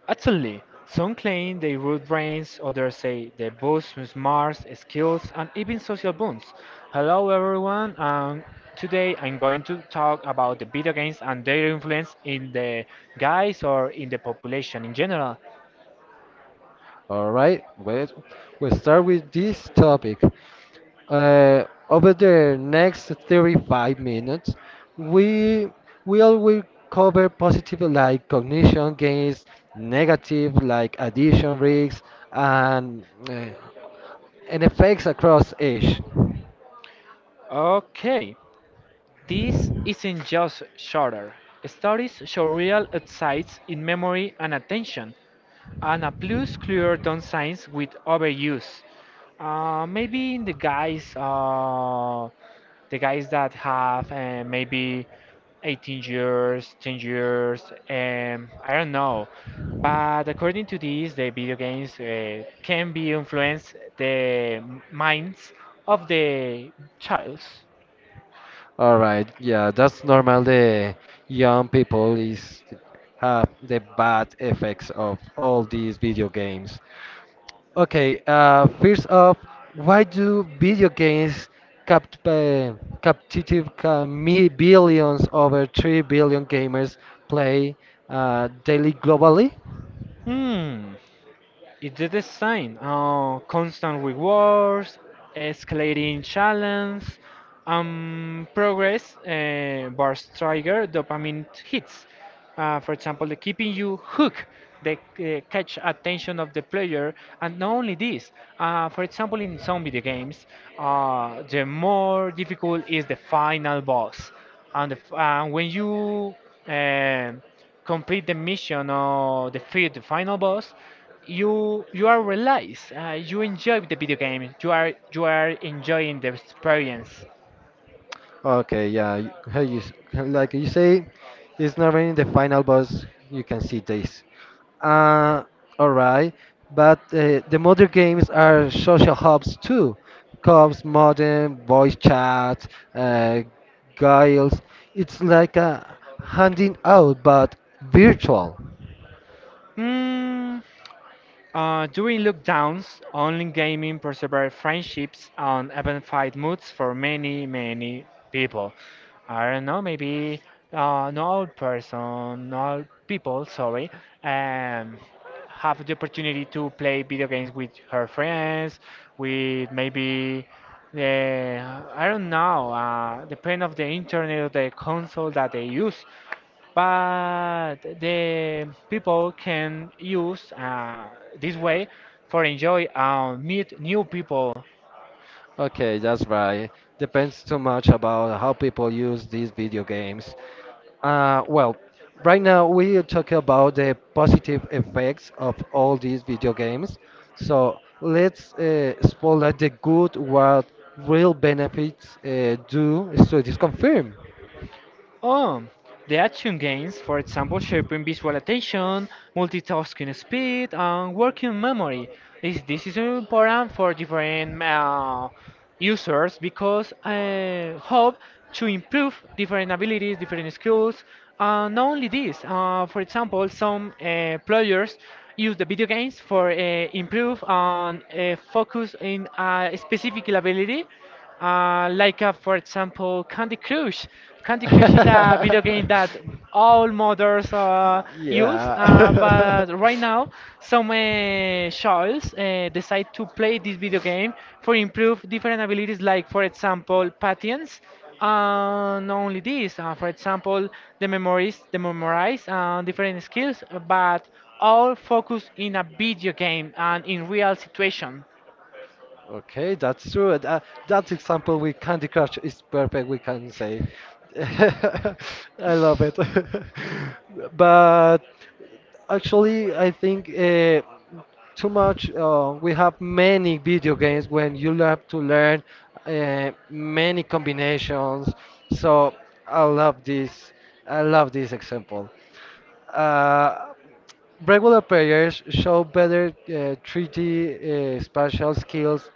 Actually, some claim they root brains, others say they boost smarts, skills, and even social bonds. Hello, everyone, and today I'm going to talk about the video games and their influence in the guys or in the population in general. All right, well, we'll start with this topic. Uh, Over the next 35 minutes, we will cover positive like cognition gains, negative like addition risks, and uh, and effects across age. Okay, this isn't just shorter. Stories show real insights in memory and attention and a plus clear downsides with overuse. Maybe in the guys that have maybe 18 years, 10 years, I don't know. But according to this, the video games can be influence the minds of the childs. All right, yeah, that's normal. The young people is have the bad effects of all these video games. Okay, first off, why do video games capt uh, billions over 3 billion gamers play daily globally? Hmm. It's the same. Constant rewards, escalating challenge, progress bars trigger dopamine hits. For example, the keeping you hooked, they catch attention of the player, and not only this. For example, in some video games, the more difficult is the final boss, and when you um complete the mission or defeat the final boss, you are relaxed. You enjoy the video game. You are enjoying the experience. Okay, yeah. How you like you say, it's not in the final boss. You can see this. Uh, all right. But the modern games are social hubs too. Cops, modern voice chat, uh, guiles. It's like a handing out, but virtual. Mm. During lockdowns, online gaming persevered friendships and amplified moods for many people. I don't know, maybe no old person, no old people, sorry, um, have the opportunity to play video games with her friends, with maybe I don't know, the pain of the internet or the console that they use, but the people can use this way for enjoy and meet new people. Okay, that's right. Depends too much about how people use these video games. Well, right now we are talking about the positive effects of all these video games. So let's spotlight the good what real benefits do so it is confirmed. Oh, the action gains, for example, shaping visual attention, multitasking speed, and working memory. This is important for different users because I hope to improve different abilities, different skills. And not only this, for example, some players use the video games for improve and focus in a specific ability, like for example, Candy Crush. Candy Crush is a video game that all mothers use, Yeah. but right now some childs decide to play this video game for improve different abilities, like for example, patience. Not only this, for example, the memories, the memorize different skills, but all focused in a video game and in real situation. Okay, that's true. That example with Candy Crush is perfect, we can say. I love it. But actually, I think too much. We have many video games when you have to learn many combinations. So I love this. I love this example. Uh, regular players show better 3D spatial skills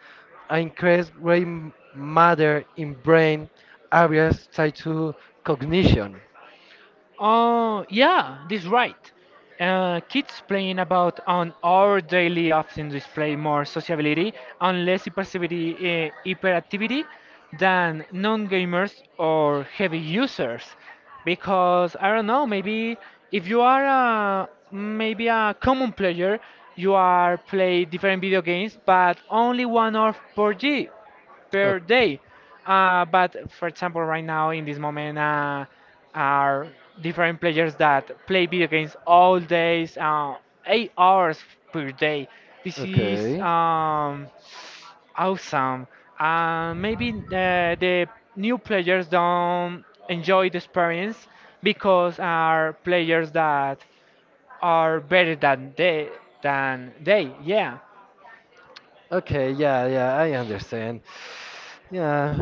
and increase gray matter in brain areas tied to cognition. Oh yeah, this right. Kids playing about on our daily often display more sociability and less hyperactivity, than non-gamers or heavy users. Because I don't know, maybe if maybe a common player, you are play different video games, but only 1 hour per day. But for example, right now in this moment are different players that play video games all days, 8 hours per day. This is awesome. Maybe the new players don't enjoy the experience because are players that are better than they. Yeah. Okay, yeah, yeah, I understand. Yeah.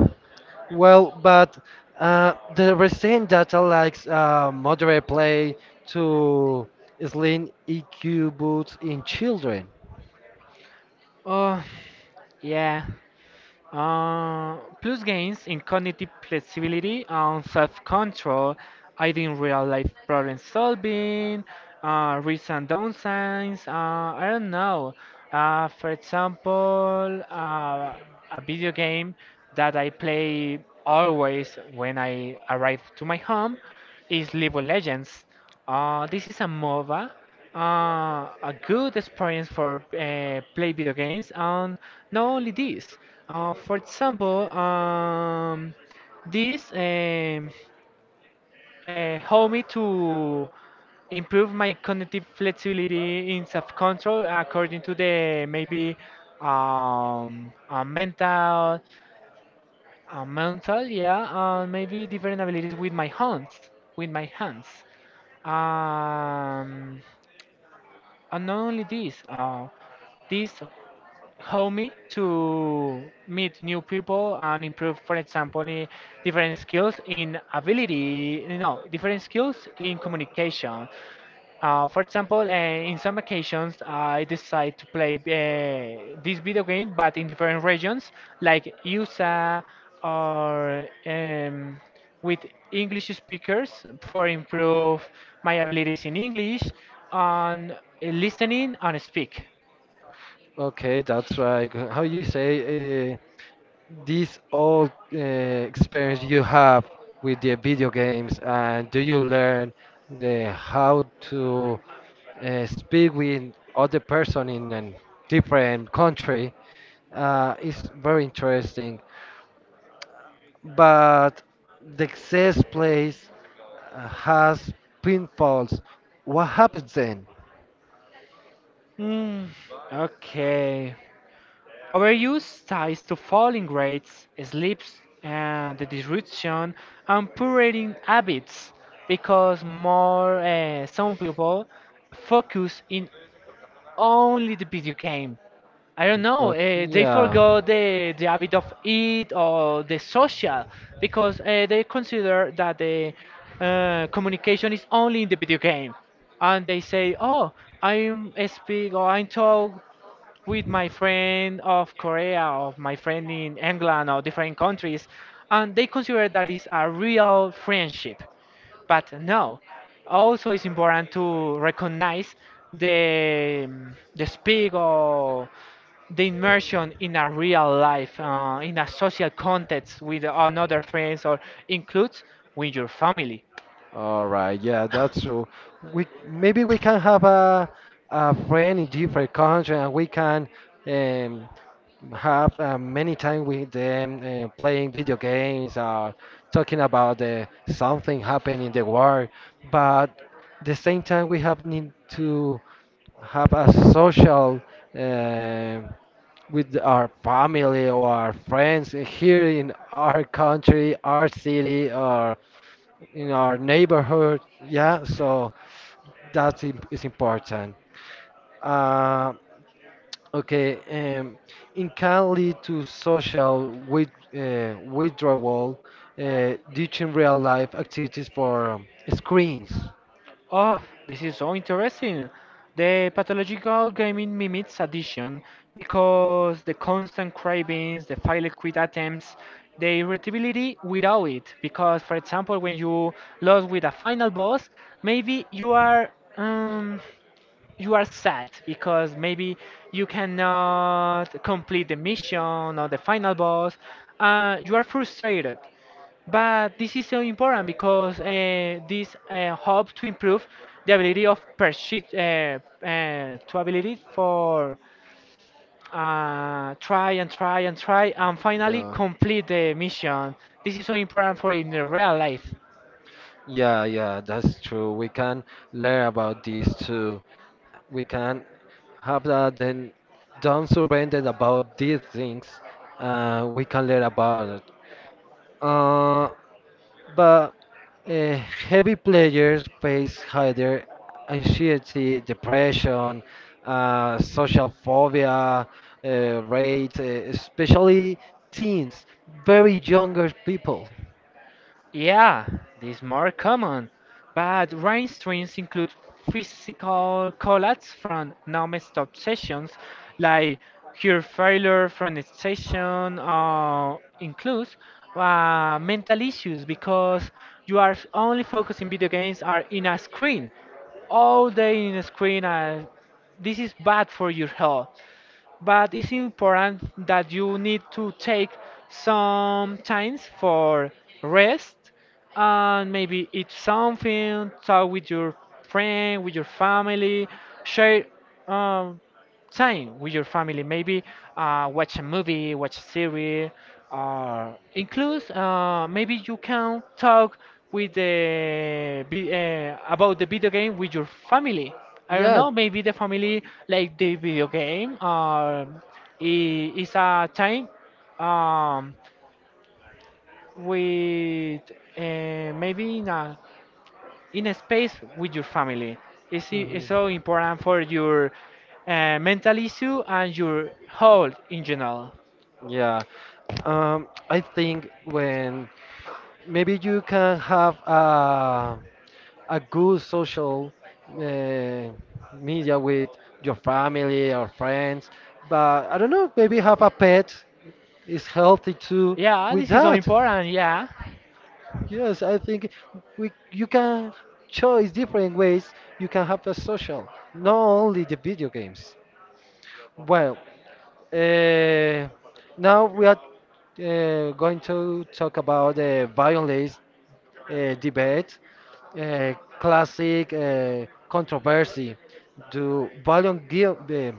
Well, but the restrained data likes moderate play to slim EQ boost in children. Oh, yeah. Plus gains in cognitive flexibility and self-control, aiding real-life problem solving, risks and downsides. I don't know. For example, a video game that I play always when I arrive to my home is League of Legends. This is a MOBA, uh, a good experience for play video games, and not only this for example this helped me to improve my cognitive flexibility in self-control according to the maybe mental uh, mental yeah maybe different abilities with my hands with my hands um, And not only this, this homey to meet new people and improve, for example, different skills in ability. You know, different skills in communication. For example, in some occasions, I decide to play this video game, but in different regions, like USA or with English speakers for improve my abilities in English on listening and speak. Okay, that's right. How you say this all experience you have with the video games, and do you learn the how to speak with other person in a different country? Is very interesting, but the access place has pinfalls. What happens then? Mm, okay. Overuse ties to falling rates, sleeps, and the disruption and poor eating habits because more some people focus in only the video game. I don't know. Okay, They yeah. forgot the habit of eat or the social because they consider that the communication is only in the video game and they say, "Oh, I'm speak or I talk with my friend of Korea of my friend in England or different countries, and they consider that is a real friendship. But no, also it's important to recognize the the speak or the immersion in a real life, in a social context with another friends or includes with your family." All right, yeah, that's true. We maybe we can have a friend in different country, and we can um, have many time with them playing video games or talking about the something happening in the world. But the same time, we have need to have a social. um with our family or our friends here in our country, our city, or in our neighborhood. Yeah, so that is important. Uh, okay, um, it can lead to social with, withdrawal, ditching real life activities for screens. Oh, this is so interesting. The pathological gaming mimics addiction because the constant cravings, the failed quit attempts, the irritability without it. Because, for example, when you lose with a final boss, maybe you are sad because maybe you cannot complete the mission or the final boss. You are frustrated, but this is so important because this helps to improve the ability of persist to ability for try and try and try and finally Yeah. complete the mission. This is so important for in the real life. Yeah, yeah, that's true. We can learn about this too. We can have that then don't surrender about these things. We can learn about it. Uh, but uh, heavy players face higher anxiety, depression, social phobia uh, rates, especially teens, very younger people. Yeah, these more common, but rain strings include physical collapse from non-stop sessions, like heart failure from station, or includes mental issues because you are only focusing video games are in a screen all day in a screen. This is bad for your health, but it's important that you need to take some times for rest and maybe eat something, talk with your friend, with your family, share um, time with your family. Maybe watch a movie, watch a series, or include maybe you can talk with about the video game with your family. I don't know. Maybe the family like the video game, or it's a time um, with maybe in a space with your family. It's, it's Mhm. so Mhm. important for your mental issue and your health in general. Yeah. I think when maybe you can have a good social uh, media with your family or friends, but I don't know, maybe have a pet is healthy too Yeah, with this is so that. important. Yeah. Yes, I think we you can choose different ways you can have the social, not only the video games. Well, uh, now we are going to talk about the violence debate, uh, classic controversy. Do violent gui-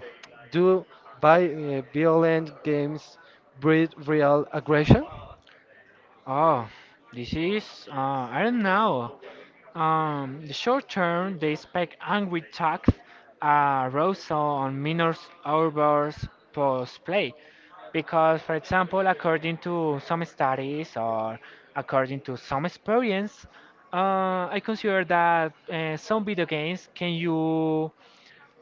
do by violent games breed real aggression? Oh, this is I don't know. The short term, they expect angry talks, arousal on minors outbursts post play. Because, for example, according to some studies or according to some experience, I consider that some video games can you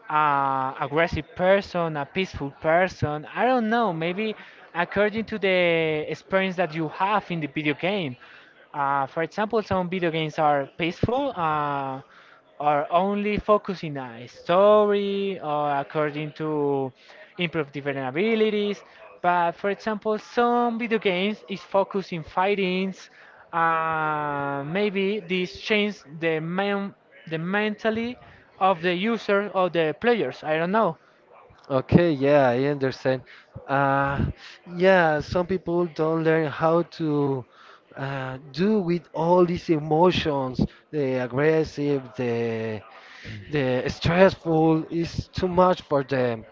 a aggressive person, a peaceful person. I don't know. Maybe according to the experience that you have in the video game. For example, some video games are peaceful, or only focusing on a story, or according to improve different abilities. But for example, some video games is focused in fightings. Maybe this change the mentally of the user or the players. I don't know. Okay, yeah, I understand. Uh, yeah, some people don't learn how to do with all these emotions, the aggressive, the stressful is too much for them.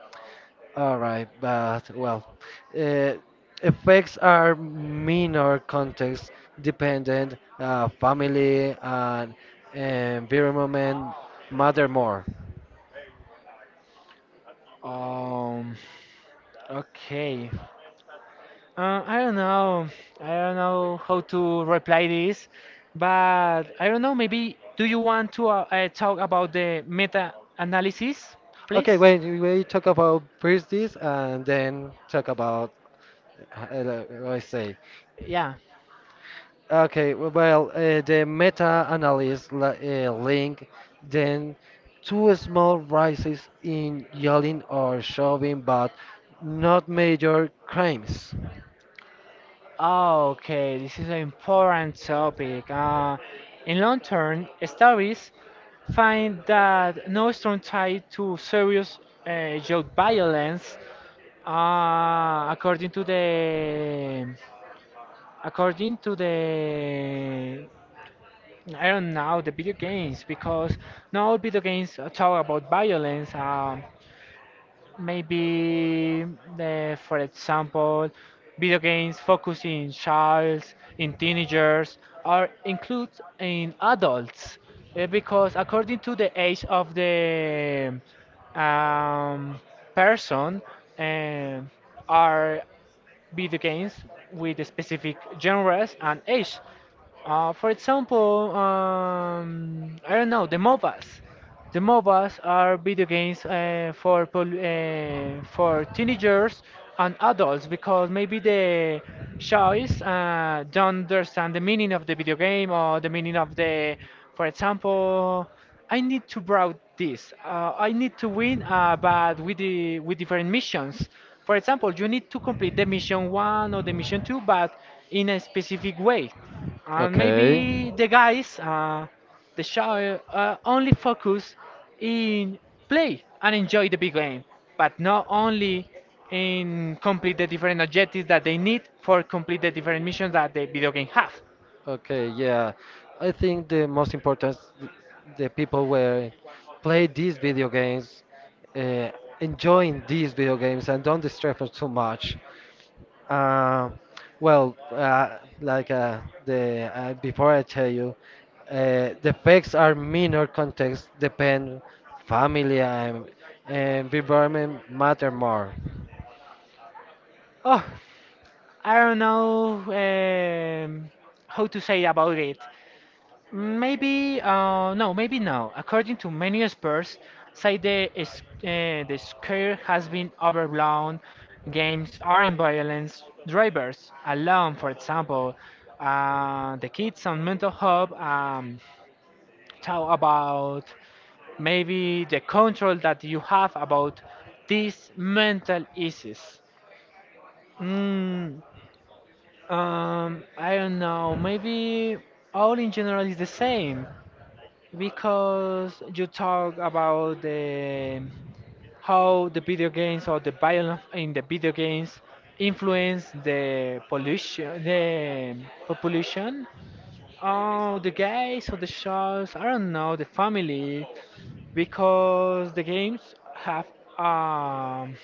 All right, but well, uh, effects are minor context dependent, family and environment matter more. Um. Okay. I don't know. I don't know how to reply this, but I don't know. Maybe do you want to talk about the meta analysis, Okay, please? wait, we talk about birthdays and then talk about, let's say, Yeah. okay, well, the meta-analysis link, then two small rises in yelling or shoving, but not major crimes. Ah, okay, this is an important topic. In long term, studies find that no strong tie to serious youth violence, according to the according to the I don't know the video games because not all video games talk about violence. Maybe for example video games focusing in childs in teenagers or include in adults because according to the age of the um, person um, are video games with specific genres and age. For example, I don't know, the MOBAs. The MOBAs are video games uh, for teenagers and adults because maybe the choice don't understand the meaning of the video game or the meaning of the, for example. I need to browse this. I need to win, but with the with different missions. For example, you need to complete the mission one or the mission two, but in a specific way. And Okay. maybe the guys, the show, only focus in play and enjoy the big game, but not only in complete the different objectives that they need for complete the different missions that the video game have. Okay, yeah. I think the most important the people were play these video games, uh, enjoying these video games and don't distract us too much. Uh, well, like the before I tell you, the effects are minor context depend family and environment matter more. Oh, I don't know um, how to say about it. Maybe no, maybe no. According to many experts, say the scare has been overblown. Games are in violence. Drivers alone, for example, the kids on mental health talk about maybe the control that you have about these mental issues. Mm. I don't know. Maybe all in general is the same because you talk about the how the video games or the violence in the video games influence the pollution, the population. Oh, the guys or the shows, I don't know, the family, because the games have um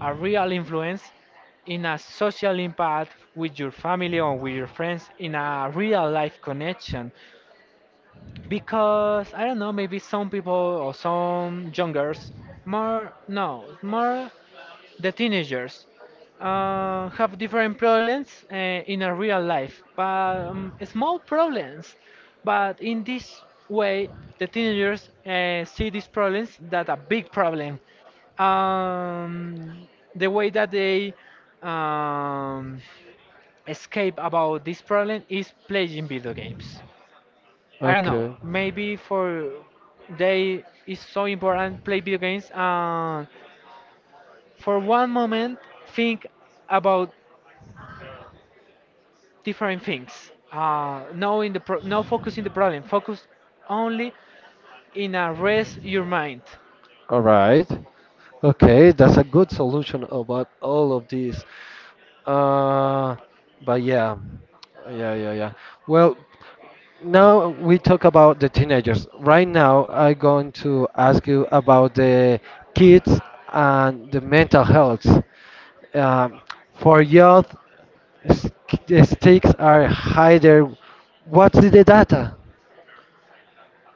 a real influence in a social impact with your family or with your friends in a real life connection because I don't know maybe some people or some young girls more no more the teenagers have different problems in a real life, but small problems. But in this way, the teenagers see these problems that a big problem. Um, the way that they um, escape about this problem is playing video games. I don't know. Okay. Maybe for they is so important play video games. For one moment think about different things no in the no focus in the problem focus only in a rest your mind All right. Okay, that's a good solution about all of these. Uh, but yeah. Well, now we talk about the teenagers. Right now, I'm going to ask you about the kids and the mental health. Um, for youth, s- the stakes are higher. What's the data?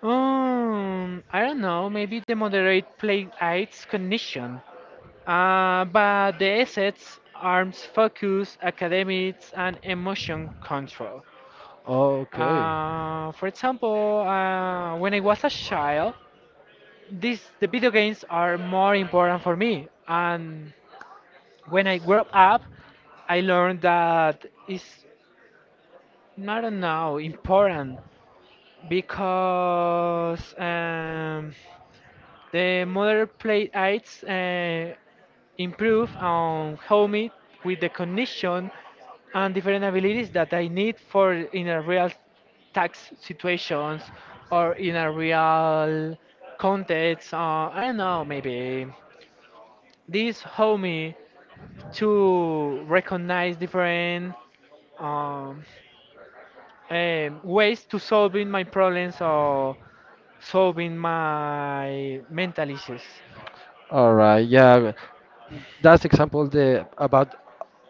um, i don't know, maybe the moderate play aids cognition, but the assets arms focus academics and emotion control. Okay. For example, when I was a child, this the video games are more important for me, and when I grew up, I learned that it's, I don't know, important because the modern plate aids improve on homey with the condition and different abilities that I need for in a real tax situations or in a real context. I don't know, maybe this help me to recognize different um, ways to solving my problems or solving my mental issues. All right, yeah. That's example the about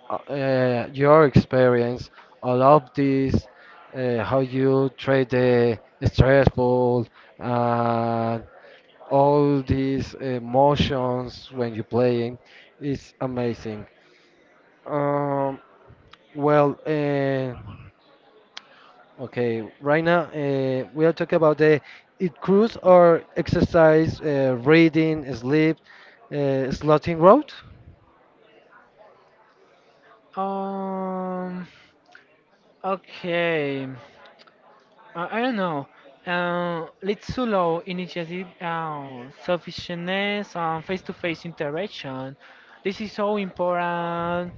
your experience, all of this, how you treat the stressful, uh, all these emotions when you're playing, is amazing. Um, well, okay, right now we are talking about the it cruise or exercise, reading, sleep, slotting road. Um, okay, I don't know. Let's allow initiative, selfishness, and face-to-face interaction. This is so important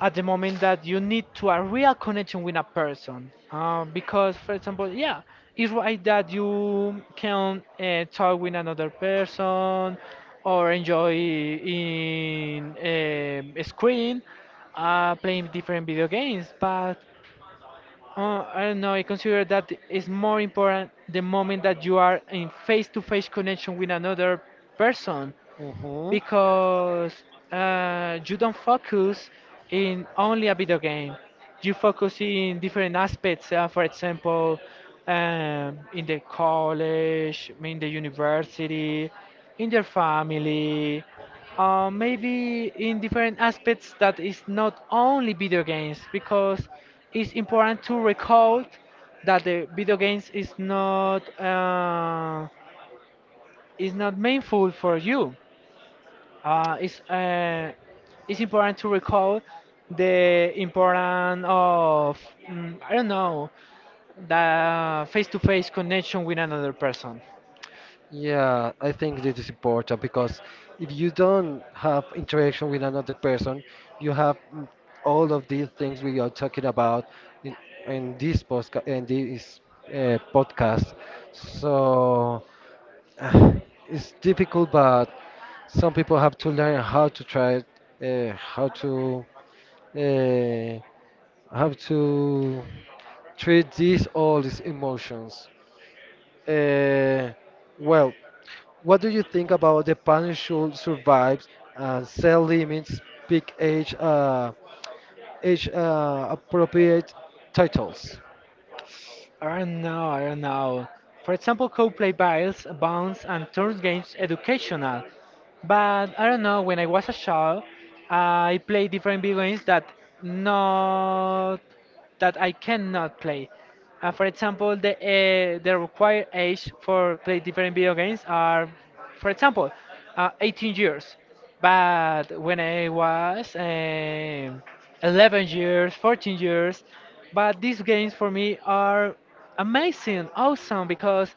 at the moment that you need to a real connection with a person, because for example, yeah, it's right that you can talk with another person or enjoy in a screen playing different video games. But I don't know, I consider that is more important the moment that you are in face-to-face connection with another person hmm because you don't focus in only a video game. You focus in different aspects. For example, in the college, in the university, in your family, maybe in different aspects that is not only video games. Because it's important to recall that the video games is not, is not meaningful for you, uh, it's uh, it's important to recall the importance of, I don't know, the face-to-face connection with another person. Yeah, I think this is important because if you don't have interaction with another person, you have all of these things we are talking about in, in this podcast in this podcast. So uh, it's difficult, but some people have to learn how to try, uh, how to uh, how to treat these all these emotions. Uh, well, what do you think about the panel should survive and set limits, pick age, age appropriate titles? I don't know, I don't know. For example, co-play battles, bounce, and turns games educational. But I don't know. When I was a child, I played different video games that not that I cannot play. For example, the required age for play different video games are, for example, 18 years. But when I was 11 years, 14 years, but these games for me are amazing, awesome because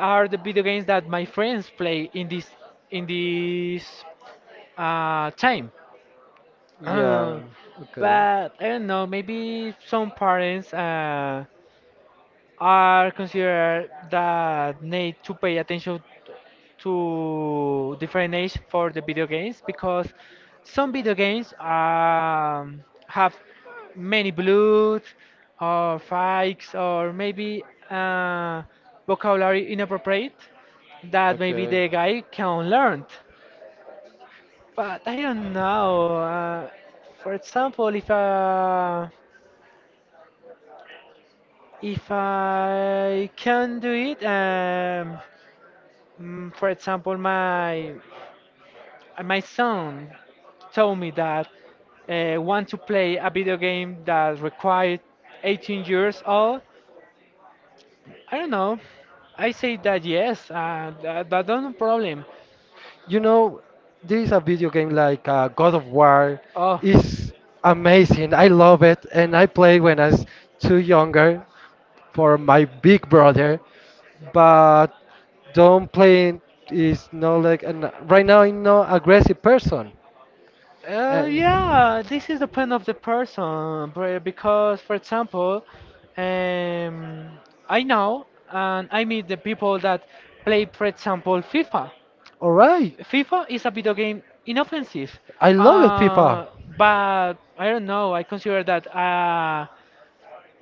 are the video games that my friends play in this time. Yeah, Uh, okay. but I don't know, maybe some parents are considered that need to pay attention to different age for the video games because some video games have many blood or fights or maybe uh, vocabulary inappropriate that maybe the guy can learn. But I don't know. For example, if I can do it, for example, my son told me that want to play a video game that required 18 years old. I don't know. I say that yes. That don't problem. You know, there is a video game like God of War. Oh. It's amazing. I love it, and I played when I was too younger for my big brother. But don't play is no like an, right now. I'm no aggressive person, Yeah, and this is depend of the person, because for example, um, I know and I meet the people that play, for example, FIFA. all right, FIFA is a video game inoffensive, I love it, FIFA. uh, but I don't know. I consider that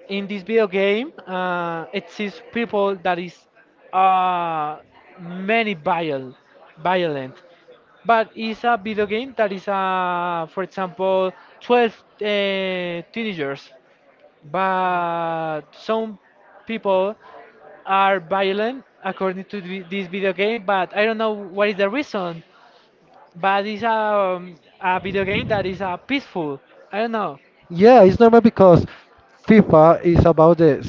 in this video game exists people that is uh, many violent, but it's a video game that is, for example, 12, teenagers, but some people are violent according to this video game, but I don't know what What is is the the reason? reason, But but it's it's a a video video game game that that is is peaceful. I peaceful. I don't don't know. know. Yeah, it's normal because FIFA is about the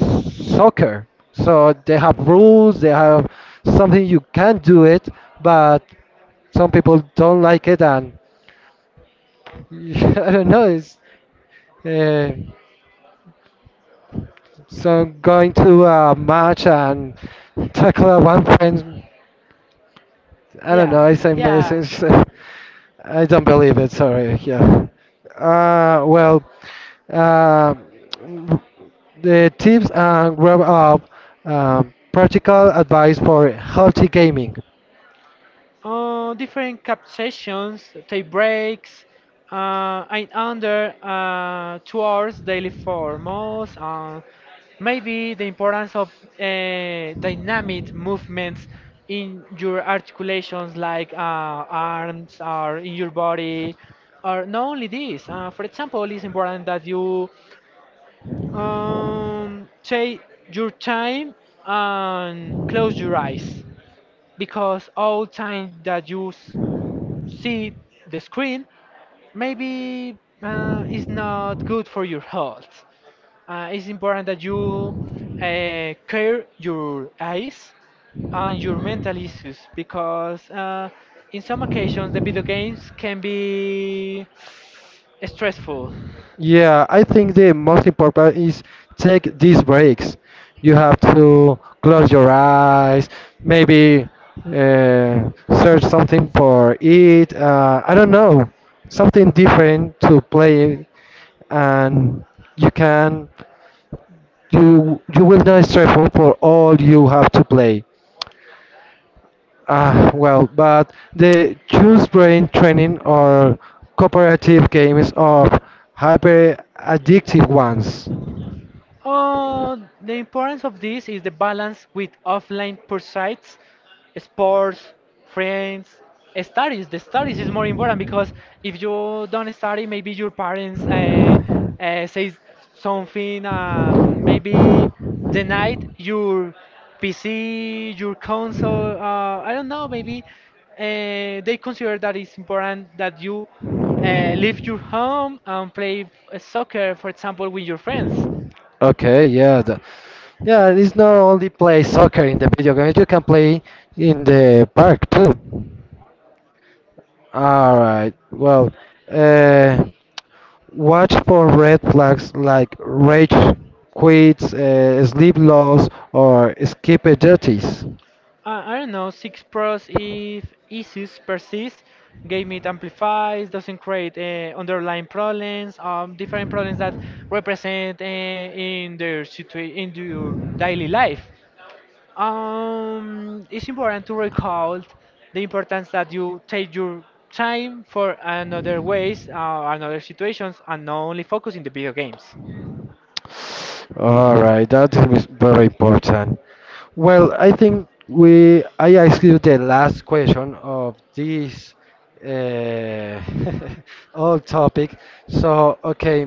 soccer. So they have rules, they have something you can do it, but some people don't like it and I don't know, it's uh, so going to a match and tackle one friend I don't Yeah. know. I say Yeah. message. I don't believe it. Sorry. Yeah. Well, uh, the tips and grab up practical advice for healthy gaming. Different cup sessions, take breaks, and under 2 hours daily for most. Maybe the importance of dynamic movements in your articulations, like arms or in your body, or not only this. For example, it's important that you take your time and close your eyes because all time that you see the screen maybe is not good for your health. It's important that you care your eyes and your mental issues because in some occasions the video games can be stressful. Yeah, I think the most important is take these breaks. You have to close your eyes, maybe uh, search something for it. I don't know, something different to play, and you can you you will not stressful for all you have to play. Ah, well, but the choose brain training or cooperative games are hyper addictive ones. The importance of this is the balance with offline pursuits, sports, friends, studies. The studies is more important because if you don't study, maybe your parents say something, maybe denied your PC, your console. I don't know. Maybe they consider that it's important that you leave your home and play soccer, for example, with your friends. Okay, yeah, the, yeah. It's not only play soccer in the video games. You can play in the park too. All right. Well, uh, watch for red flags like rage quits, sleep loss, or skip duties. I don't know, 6 Pros if issues persist, game it amplifies, doesn't create underlying problems, different problems that represent in their in your daily life. It's important to recall the importance that you take your time for another ways, another situations, and not only focus in the video games. All right, that is very important. Well, I think we I asked you the last question of this uh, whole topic. So, okay,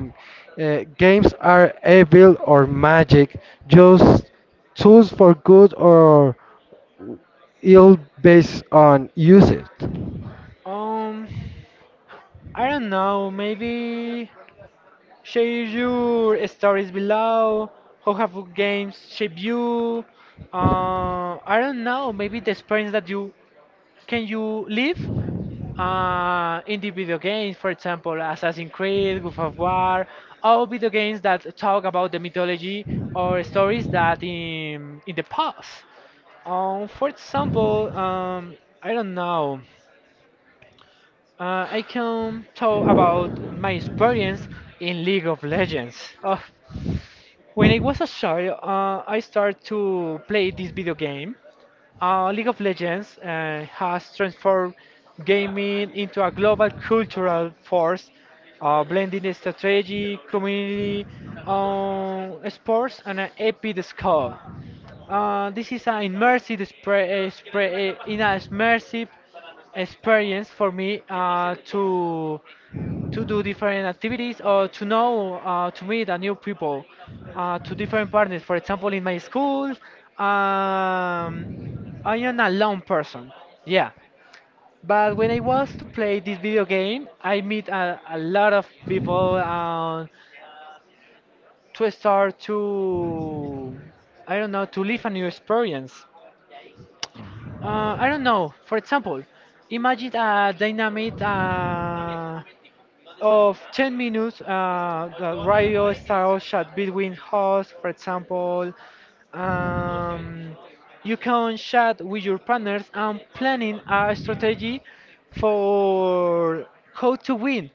games are evil or magic, just tools for good or ill based on usage. Um, I don't know, maybe share your stories below. How have games shaped you? I don't know. Maybe the experience that you can you live in the video games, for example, Assassin's Creed, God of War, all video games that talk about the mythology or stories that in the past. For example, I don't know. I can talk about my experience in League of Legends. Oh, when I was a child, I started to play this video game. League of Legends has transformed gaming into a global cultural force, blending the strategy, community, sports, and an epic score. This is an in a immersive experience for me to do different activities or to know to meet a new people to different partners, for example, in my school. Um, i am a lone person. Yeah. But when I was to play this video game, I meet a lot of people, to start to, I don't know, to live a new experience. I don't know, for example, imagine a dynamic of 10 minutes, the radio style chat between hosts, for example. um, you can chat with your partners and planning a strategy for how to win.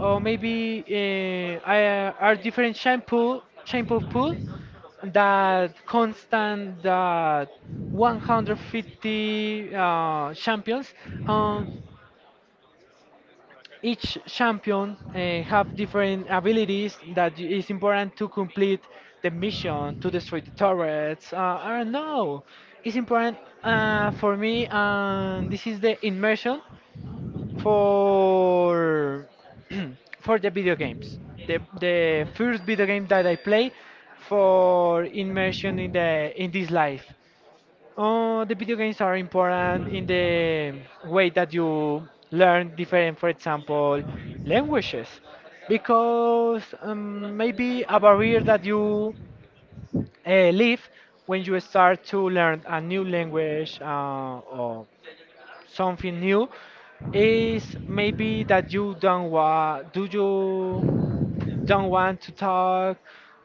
Or maybe are different shampoo pool that constant that 150 champions. um, each champion have different abilities that is important to complete the mission to destroy the turrets. I don't know. It's important for me, and this is the immersion for for the video games. The first video game that I play for immersion in the in this life. Oh, the video games are important in the way that you learn different, for example, languages. Because maybe a barrier that you leave when you start to learn a new language, or something new is maybe that you don't want, do you don't want to talk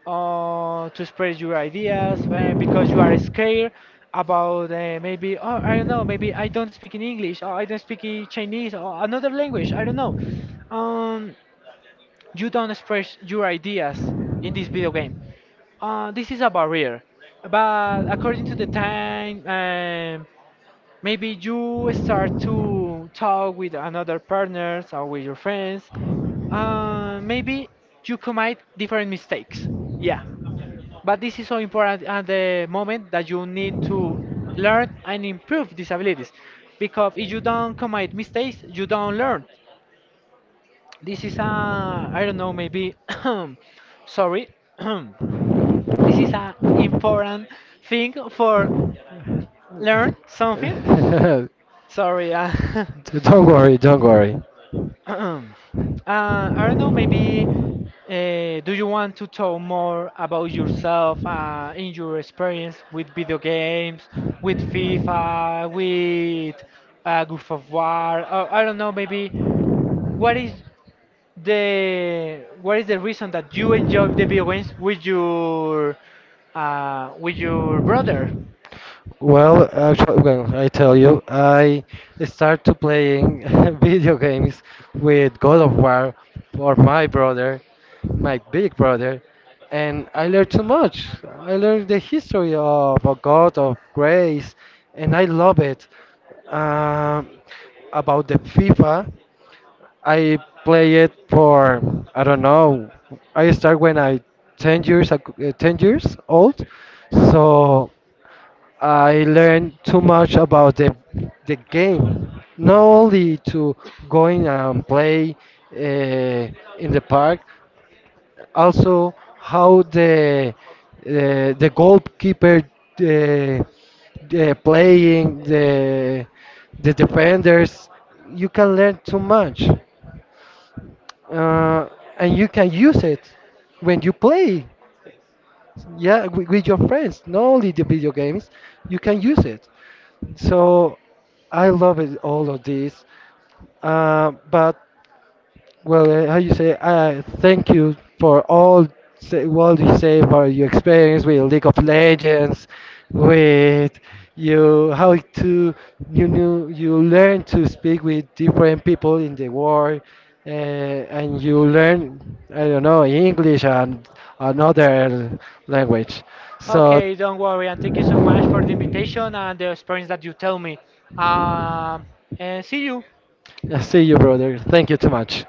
or to express your ideas because you are scared about, maybe, oh I don't know, maybe I don't speak in English or I don't speak in Chinese or another language, I don't know, um you don't express your ideas in this video game. This is a barrier, but according to the time, maybe you start to talk with another partners or with your friends. Maybe you commit different mistakes. Yeah, but this is so important at the moment that you need to learn and improve these abilities, because if you don't commit mistakes, you don't learn. This is a, I don't know, maybe sorry. This is a important thing for learn something. Sorry. Don't worry, don't worry. I don't know, maybe do you want to talk more about yourself in your experience with video games, with FIFA, with Gulf of War? I don't know, maybe what is what is the reason that you enjoy the video games with your brother? Well, actually, when I tell you, I started playing video games with God of War for my brother, my big brother, and I learned so much. I learned the history of a God of grace, and I love it. Um, about the FIFA, I play it for I don't know. I start when I 10 years 10 years old. So I learned too much about the game. Not only to going and play uh, in the park, also how the goalkeeper the playing the defenders you can learn too much uh, and you can use it when you play yeah with your friends not only the video games you can use it so I love it all of this but well, how you say? Thank you for all say, what you say for your experience with League of Legends, with you how to you knew you learn to speak with different people in the world, and you learn I don't know English and another language. So. Okay, don't worry, and thank you so much for the invitation and the experience that you tell me. Um, and see you. I see you, brother. Thank you too much.